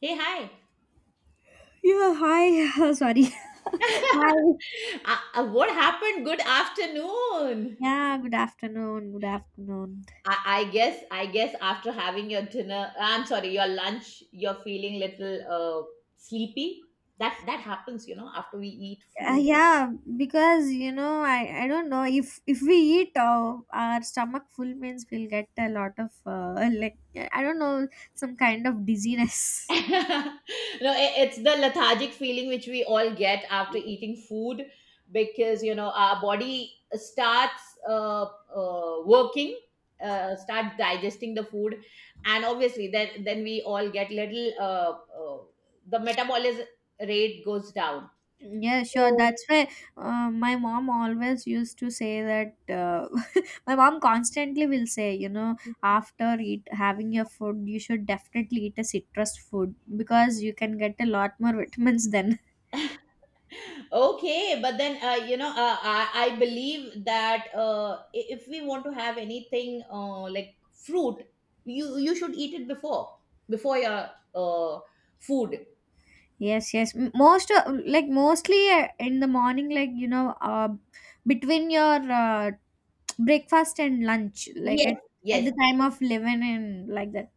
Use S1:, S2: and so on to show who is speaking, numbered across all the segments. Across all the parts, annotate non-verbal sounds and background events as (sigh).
S1: Hey, hi.
S2: Yeah, hi. (laughs) Sorry. Hi.
S1: What happened? Good afternoon.
S2: Yeah, good afternoon. Good afternoon.
S1: I guess after having your dinner, I'm sorry, your lunch, you're feeling little sleepy. That happens, you know, after we eat food.
S2: Yeah, because you know, I don't know if we eat our stomach full means we'll get a lot of (laughs) like I don't know some kind of
S1: (laughs)
S2: dizziness. (laughs)
S1: No, it's the lethargic feeling which we all get after eating food, because you know our body starts working, start digesting the food, and obviously then we all get little uh, the metabolism rate goes down.
S2: Yeah, sure.
S1: So,
S2: That's why my mom always used to say that. (laughs) My mom constantly will say, you know, after eat having your food, you should definitely eat a citrus food because you can get a lot more (laughs) vitamins then.
S1: okay, but then you know, I believe that if we want to have anything like fruit, you should eat it before before your food.
S2: Yes, yes. Mostly, in the morning, like you know, between your breakfast and lunch, like
S1: yes
S2: at
S1: yes
S2: the time of 11 and like that.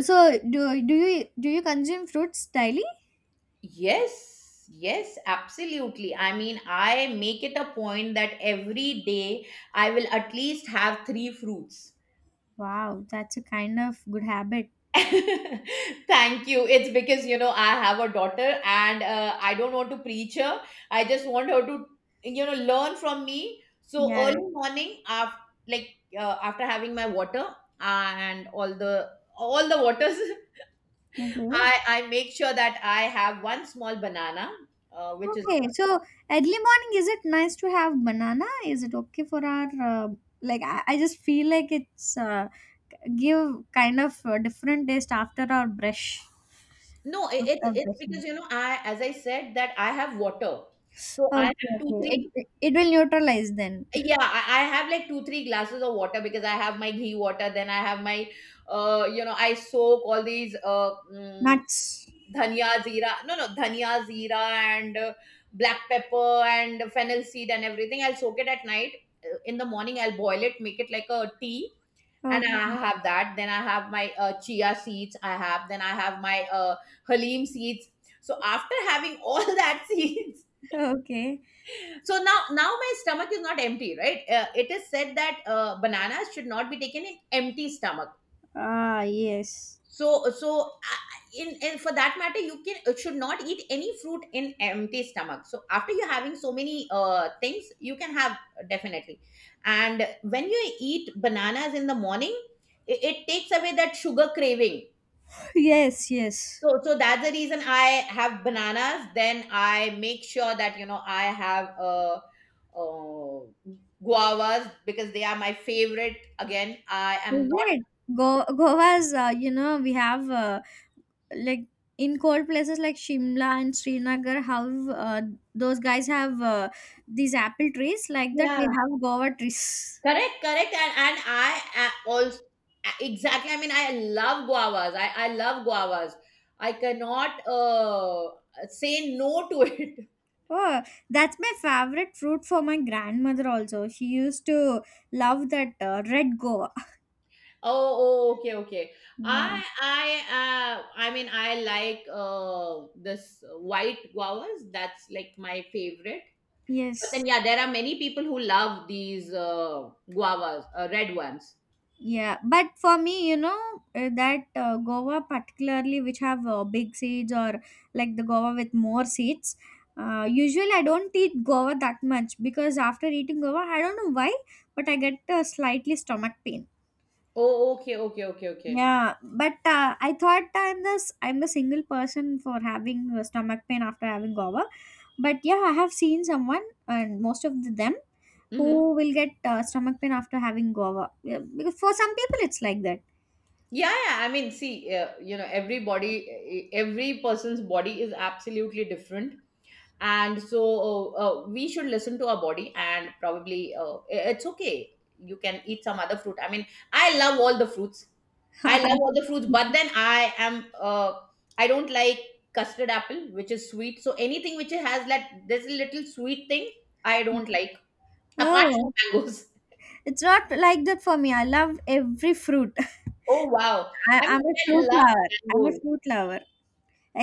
S2: So do you consume fruits daily?
S1: yes yes absolutely. I mean, I make it a point that every day I will at least have three fruits.
S2: Wow, that's a kind of good habit.
S1: (laughs) Thank you. It's because, you know, I have a daughter and I don't want to preach her. I just want her to, you know, learn from me. So
S2: Yeah.
S1: early morning, after, like after having my water and all the waters, (laughs)
S2: Okay.
S1: I make sure that I have one small banana, which is
S2: Okay, so early morning, is it nice to have banana? Is it okay for our like? I just feel like it's give kind of a different taste after our brush.
S1: No, it, it's
S2: After
S1: it's
S2: brushing.
S1: because, you know, I, as I said, that I have water, so I have
S2: Okay,
S1: two
S2: okay. It
S1: three
S2: it it will neutralize then.
S1: Yeah, I have like two, three glasses of water because I have my ghee water. Then I have my, you know, I soak all these
S2: Nuts.
S1: dhania zira, no, no, dhania zira and black pepper and fennel seed and everything. I'll soak it at night. In the morning, I'll boil it, make it like a tea. And
S2: Okay,
S1: I have that. Then I have my chia seeds, I have. Then I have my halim seeds. So after having all (laughs) that seeds,
S2: (laughs) okay.
S1: so now my stomach is not empty, right? It is said that bananas should not be taken in empty stomach,
S2: Ah, yes,
S1: so in for that matter, you can should not eat any fruit in empty stomach. So after you having so many things, you can have definitely. And when you eat bananas in the morning, it takes away that sugar craving.
S2: (laughs) yes, yes.
S1: So that's the reason I have bananas. Then I make sure that, you know, I have uh guavas because they are my favorite. Again, I am
S2: Is
S1: not.
S2: it? Go Goa's? You know, we have like in cold places like Shimla and Srinagar, have those guys have these apple trees like that.
S1: Yeah,
S2: We have guava trees.
S1: correct, correct, and I also exactly. I mean, I love guavas. I love guavas. I cannot say no to it.
S2: Oh, that's my favorite fruit for my grandmother also. She used to love that red guava.
S1: Oh, oh, okay, okay. I,
S2: Yeah.
S1: I, I mean, I like this white guavas. That's like my favorite. But then,
S2: Yes.
S1: yeah, there are many people who love these guavas, red ones.
S2: Yeah, but for me, you know, that Goa particularly, which have big seeds or like the Goa with more seeds. Usually, I don't eat Goa that much because after eating Goa, I don't know why, but I get a slightly stomach pain.
S1: Oh, okay, okay, okay, okay.
S2: Yeah, but I thought I'm a single person for having stomach pain after having Goa, but yeah, I have seen someone and most of them
S1: Mm-hmm.
S2: who will get stomach pain after having Goa. Yeah, because for some people, it's like that.
S1: Yeah, yeah. I mean, see, you know, everybody, every person's body is absolutely different, and so we should listen to our body, and probably it's okay, you can eat some other fruit. I mean, I love all the fruits. I love all the fruits,
S2: (laughs)
S1: but then I am I don't like custard apple, which is sweet, so anything which has that this little sweet thing, I don't like, apart
S2: Oh,
S1: from mangoes.
S2: it's not like that for me. I love every fruit. (laughs)
S1: (laughs) Oh, wow,
S2: I,
S1: I
S2: I'm
S1: mean,
S2: a
S1: I
S2: fruit
S1: love
S2: lover. I'm a
S1: mangoes.
S2: fruit lover.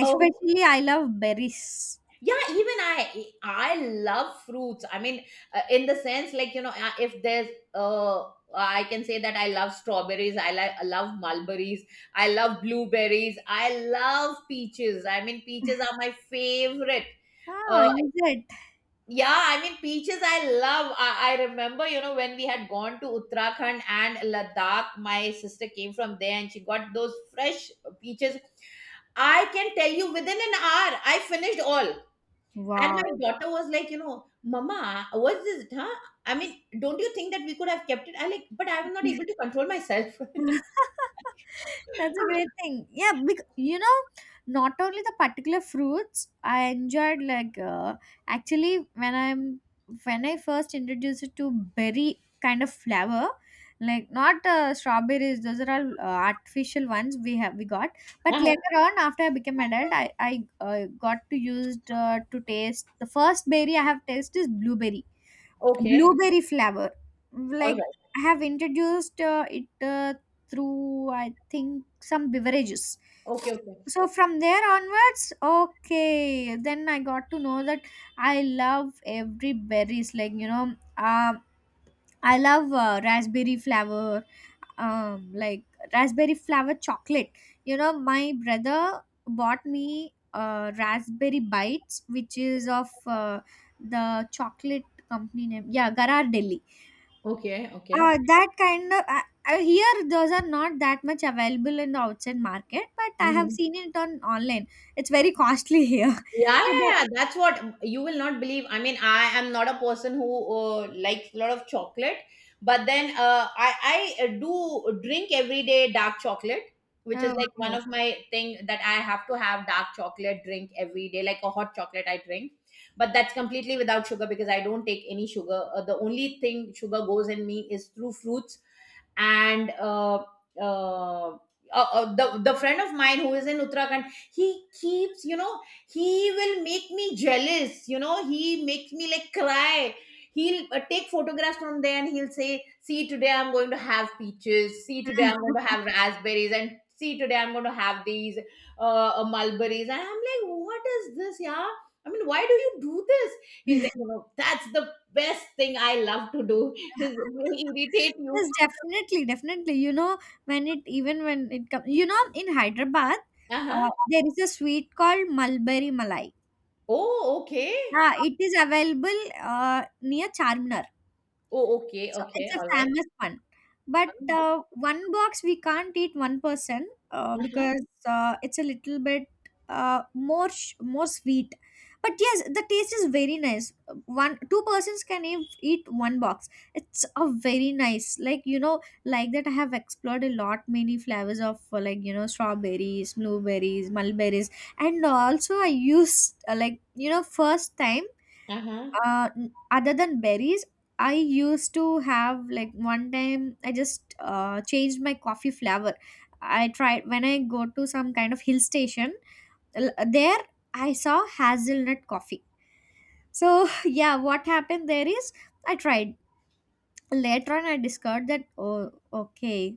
S1: Oh,
S2: I love berries.
S1: yeah, even I love fruits. I mean, in the sense, like, you know, if there's I can say that I love strawberries, I like, I love mulberries, I love blueberries, I love peaches. I mean, peaches are my favorite.
S2: Oh,
S1: uh,
S2: is it?
S1: yeah, I mean, peaches I love. I remember, you know, when we had gone to Uttarakhand and Ladakh, my sister came from there and she got those fresh peaches. I can tell you, within an hour, I finished all. And
S2: Wow.
S1: my daughter was like, you know, "Mama, what's this? Huh? I mean, don't you think that we could have kept it?" I like, but I was not able to control myself.
S2: (laughs) That's a
S1: (laughs)
S2: great thing. Yeah, because you know, not only the particular fruits, I enjoyed, like actually when I first introduced it to berry kind of flower, like not strawberries, those are all artificial ones we got. But
S1: Uh-huh.
S2: later on, after I became adult, I got to used to taste the first berry I have tasted is blueberry
S1: Okay.
S2: blueberry flavor,
S1: All
S2: like
S1: right.
S2: I have introduced it uh, through, I think, some beverages.
S1: Okay. Okay.
S2: So from there onwards, okay, then I got to know that I love every berries, like you know, I love raspberry flavor. Like raspberry flavor chocolate, you know, my brother bought me raspberry bites, which is of the chocolate company name, yeah, garar delhi.
S1: Okay. Okay.
S2: That kind of, here those are not that much available in the outside market, but I have
S1: Mm-hmm.
S2: seen it on online. It's very costly here.
S1: Yeah, yeah,
S2: (laughs) So,
S1: yeah,
S2: but,
S1: yeah. That's what, you will not believe. I mean, I am not a person who likes a lot of chocolate, but then I do drink every day dark chocolate, which is
S2: oh,
S1: like one
S2: okay.
S1: of my thing, that I have to have dark chocolate drink every day, like a hot chocolate I drink. But that's completely without sugar because I don't take any sugar. The only thing sugar goes in me is through fruits, and uh, uh, the friend of mine who is in Uttarakhand, he keeps, you know, he will make me jealous, you know, he makes me like cry. He'll take photographs from there and he'll say, "See, today I'm going to have peaches. See, today I'm
S2: (laughs)
S1: going to have raspberries, and see, today I'm going to have these mulberries." And I'm like, "What is this, yeah? I mean, why do you do this?" He's like, you know, "That's the best thing I love to do." (laughs) He irritate you.
S2: Yes, definitely, definitely. You know, when it even when it comes, you know, in Hyderabad,
S1: Uh-huh.
S2: there is a sweet called Mulberry Malai.
S1: Oh, okay.
S2: Yeah, it is available near Charminar.
S1: Oh, okay,
S2: So
S1: okay.
S2: it's a
S1: All right.
S2: famous one. But one box we can't eat one person,
S1: Uh-huh.
S2: because it's a little bit, more more sweet. But yes, the taste is very nice. One two persons can eat one box. It's a very nice, like you know, like that. I have explored a lot many flavors of, like you know, strawberries, blueberries, mulberries, and also I used, like you know, first time,
S1: Uh-huh.
S2: other than berries, I used to have, like one time I just changed my coffee flavor. I tried, when I go to some kind of hill station, there I saw hazelnut coffee. So (laughs) yeah, what happened there is I tried. Later on I discovered that, oh, okay.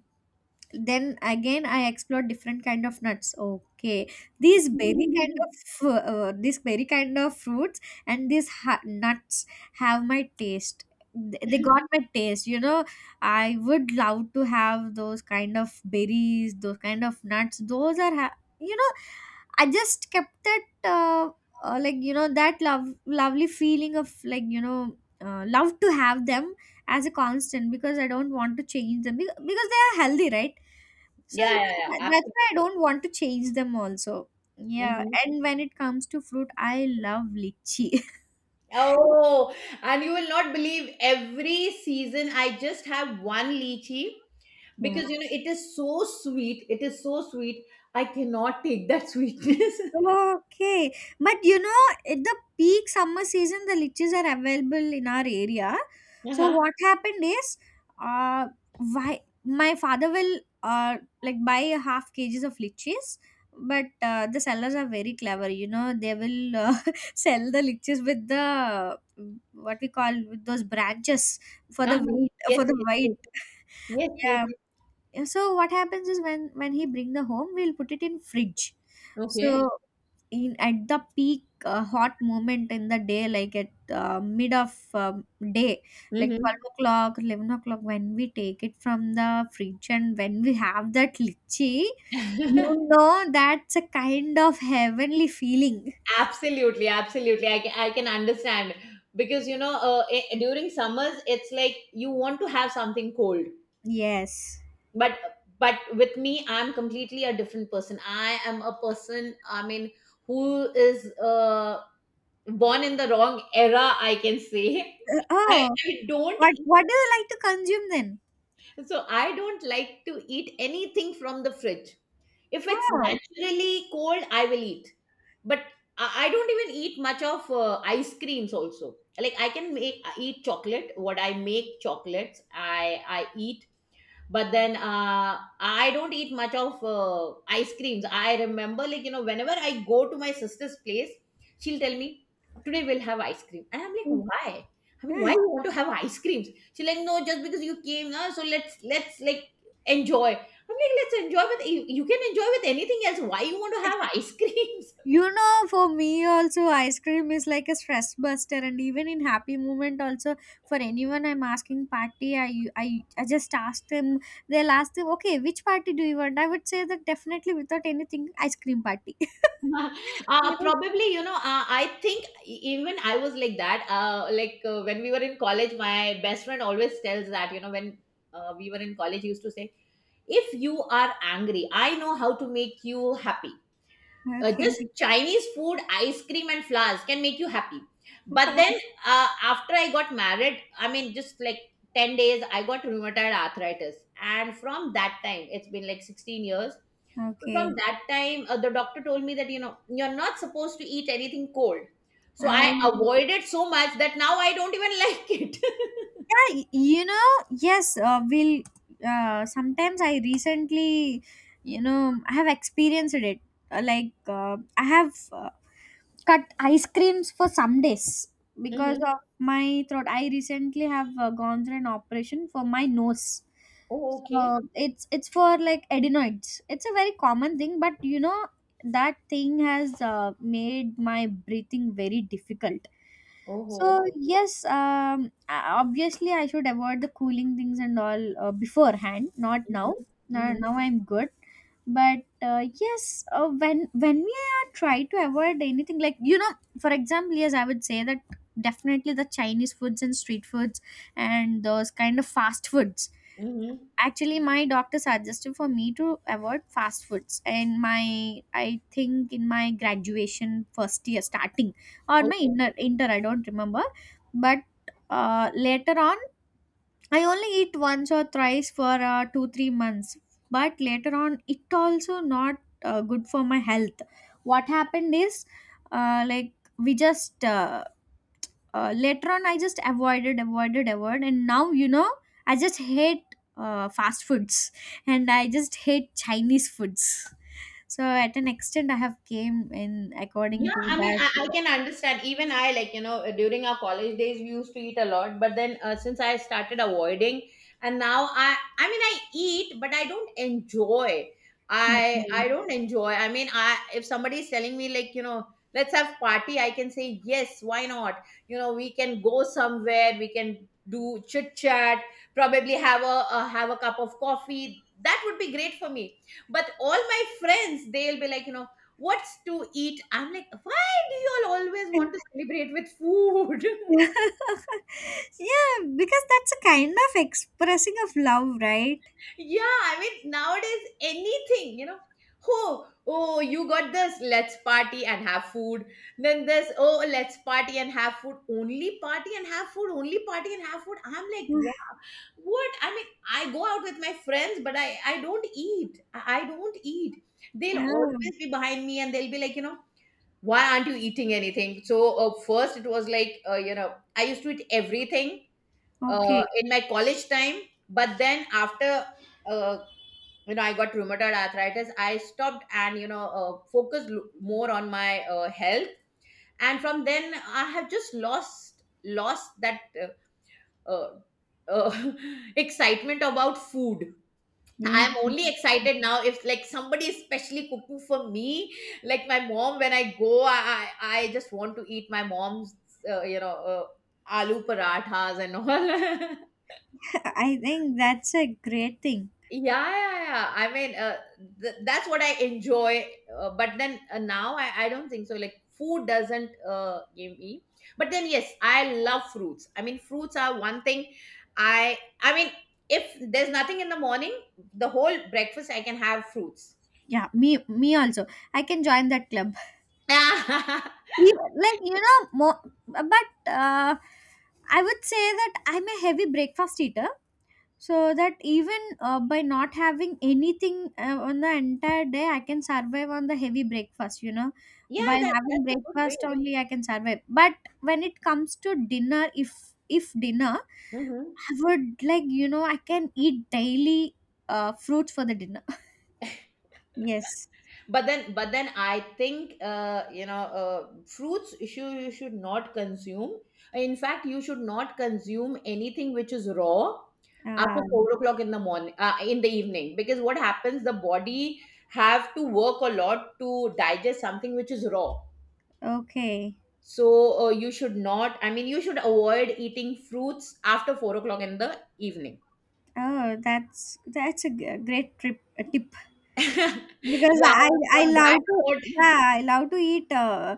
S2: Then again I explored different kind of nuts, okay,
S1: (laughs)
S2: these berry kind of fruits and these nuts have my taste. They got my taste, you know, I would love to have those kind of berries, those kind of nuts, those are you know, I just kept it, like you know, that lovely feeling of, like you know, love to have them as a constant, because I don't want to change them, because they are healthy, right? So
S1: Yeah, yeah,
S2: yeah,
S1: yeah.
S2: that's why I
S1: Absolutely.
S2: don't want to change them also. Yeah,
S1: Mhm.
S2: and when it comes to fruit, I love lychee. (laughs)
S1: Oh, and you will not believe, every season I just have one lychee
S2: Yeah.
S1: because, you know, it is so sweet. It is so sweet. I cannot take that sweetness. (laughs)
S2: Okay. But you know, at the peak summer season, the liches are available in our area. So
S1: Uh-huh.
S2: what happened is, uh, why my father will, like, buy a half kgs of liches, but the sellers are very clever. You know, they will (laughs) sell the liches with the, what we call, with those branches, for the
S1: Uh-huh.
S2: weight
S1: Yes,
S2: for the
S1: yes,
S2: weight.
S1: yes. Yes,
S2: (laughs)
S1: yes.
S2: Yeah. So what happens is, when he bring the home, we'll put it in fridge.
S1: Okay.
S2: So in at the peak, hot moment in the day, like at mid of um, day, like 12
S1: Mm-hmm.
S2: o'clock 11 o'clock, when we take it from the fridge and when we have that litchi, you
S1: (laughs)
S2: know, that's a kind of heavenly feeling.
S1: Absolutely, absolutely. I can understand because, you know, during summers it's like you want to have something cold.
S2: Yes.
S1: But with me, I'm completely a different person. I am a person, I mean, who is born in the wrong era, I can say. (laughs)
S2: Oh,
S1: I don't
S2: what
S1: eat,
S2: what do you like to consume then?
S1: so I don't like to eat anything from the fridge. If it's
S2: Oh.
S1: naturally cold, I will eat. But I don't even eat much of ice creams also, like, I can make eat chocolate, what I make chocolates, I I eat, but then I don't eat much of ice creams. I remember, like, you know, whenever I go to my sister's place, she'll tell me, "Today we'll have ice cream," and I'm like, "Why? I mean, why you
S2: (laughs)
S1: want to have ice creams?" She's like, "No, just because you came now, so let's like enjoy." I'm like, "Let's enjoy with you, you can enjoy with anything else, why you want to have (laughs) ice creams?"
S2: You know, for me also ice cream is like a stress buster, and even in happy moment also. For anyone I'm asking party, I just ask them, they'll ask them, okay, which party do you want, I would say that definitely without anything, ice cream party. (laughs)
S1: (laughs)
S2: You
S1: Probably, you know, I think, even I was like that, when we were in college, my best friend always tells that, you know, when we were in college, he used to say, "If you are angry, I know how to make you happy.
S2: know? Okay,
S1: Just Chinese food, ice cream and flowers can make you happy." But then, uh, after I got married, I mean just like 10 days, I got rheumatoid arthritis, and from that time it's been like 16 years. So
S2: okay.
S1: from that time, the doctor told me that, you know, you're not supposed to eat anything cold. So I
S2: Oh.
S1: avoided so much that now I don't even (laughs) like it.
S2: Yeah, you know, yes, we'll, sometimes, I recently, you know, I have experienced it. Like, I have, cut ice creams for some days because
S1: Mm-hmm.
S2: of my throat. I recently have gone through an operation for my nose.
S1: Oh, okay.
S2: So it's for like adenoids. It's a very common thing, but you know that thing has made my breathing very difficult.
S1: Oh,
S2: So
S1: okay.
S2: yes, obviously I should avoid the cooling things and all, beforehand, not now.
S1: Mm-hmm.
S2: Now,
S1: Mm-hmm.
S2: now I'm good. But yes, when we are try to avoid anything, like you know, for example, yes, I would say that definitely the Chinese foods and street foods and those kind of fast foods. Actually, my doctor suggested for me to avoid fast foods, and my, I think, in my graduation first year starting, or my
S1: Mm-hmm.
S2: inner inter, I don't remember, but later on I only eat once or thrice for 2-3 months, but later on it also not good for my health. What happened is, like we just, later on I just avoided, and now you know I just hate fast foods and I just hate Chinese foods. So at an extent I have came in according
S1: Yeah,
S2: to
S1: I mean,
S2: that.
S1: I can understand. Even I, like, you know, during our college days, we used to eat a lot. But then since I started avoiding, and now I mean, I eat, but I don't enjoy. I
S2: (laughs)
S1: don't enjoy. I mean, I if somebody is telling me like, you know, let's have party, I can say yes. Why not? You know, we can go somewhere, we can do chit chat. Probably have a cup of coffee. That would be great for me. But all my friends, they'll be like, you know, what's to eat? I'm like, why do you all always
S2: Okay.
S1: want to celebrate with food?
S2: (laughs) Yeah, because that's a kind of expressing of love, right?
S1: (laughs) Yeah, I mean, nowadays, anything, you know. Oh, oh, you got this, let's party and have food. Then this, oh, let's party and have food. Only party and have food, only party and have food. I'm like, wow,
S2: (laughs)
S1: what? I mean, I go out with my friends, but I don't eat. I don't eat. They'll
S2: Oh,
S1: always be behind me and they'll be like, you know, why aren't you eating anything? So first it was like, you know, I used to eat everything
S2: okay.
S1: in my college time, but then after uh, you know, I got rheumatoid arthritis, I stopped and, you know, focused more on my health, and from then I have just lost that uh, uh, (laughs) excitement about food.
S2: Yeah.
S1: I'm only excited now if, like, somebody is specially cooking for me, like my mom. When I go, I just want to eat my mom's, you know, aloo parathas and all. (laughs)
S2: (laughs) I think that's a great thing.
S1: Yeah, yeah, yeah. I mean, that's what I enjoy. But then now I don't think so. Like, food doesn't give me. But then yes, I love fruits. I mean, fruits are one thing. I mean, if there's nothing in the morning, the whole breakfast I can have fruits.
S2: Yeah, me also. I can join that club.
S1: (laughs)
S2: You, like you know, more, but I would say that I'm a heavy breakfast eater. So that even, by not having anything, on the entire day I can survive on the heavy breakfast, you know.
S1: Yeah,
S2: By
S1: that
S2: having
S1: that's a good way.
S2: breakfast only I can survive, but when it comes to dinner, if dinner,
S1: Hmm.
S2: I would, like you know, I can eat daily fruits for the dinner. (laughs) Yes.
S1: But then I think, you know, fruits, should, you should not consume, in fact you should not consume anything which is raw after
S2: um,
S1: 4 o'clock in the morning, in the evening, because what happens, the body have to work a lot to digest something which is raw.
S2: okay.
S1: So you should not, I mean, you should avoid eating fruits after 4 o'clock in the evening.
S2: Oh, that's a g- great trip a tip,
S1: (laughs)
S2: because
S1: Yeah,
S2: I I
S1: on that
S2: love to,
S1: note.
S2: yeah, I love to eat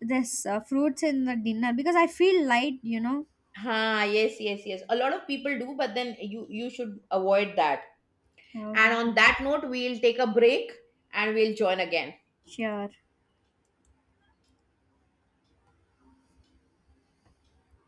S2: this fruits in the dinner because I feel light, you know.
S1: Ha, yes, yes, yes. A lot of people do, but then you should avoid that. And
S2: Okay,
S1: on that note, we'll take a break and we'll join again.
S2: sure.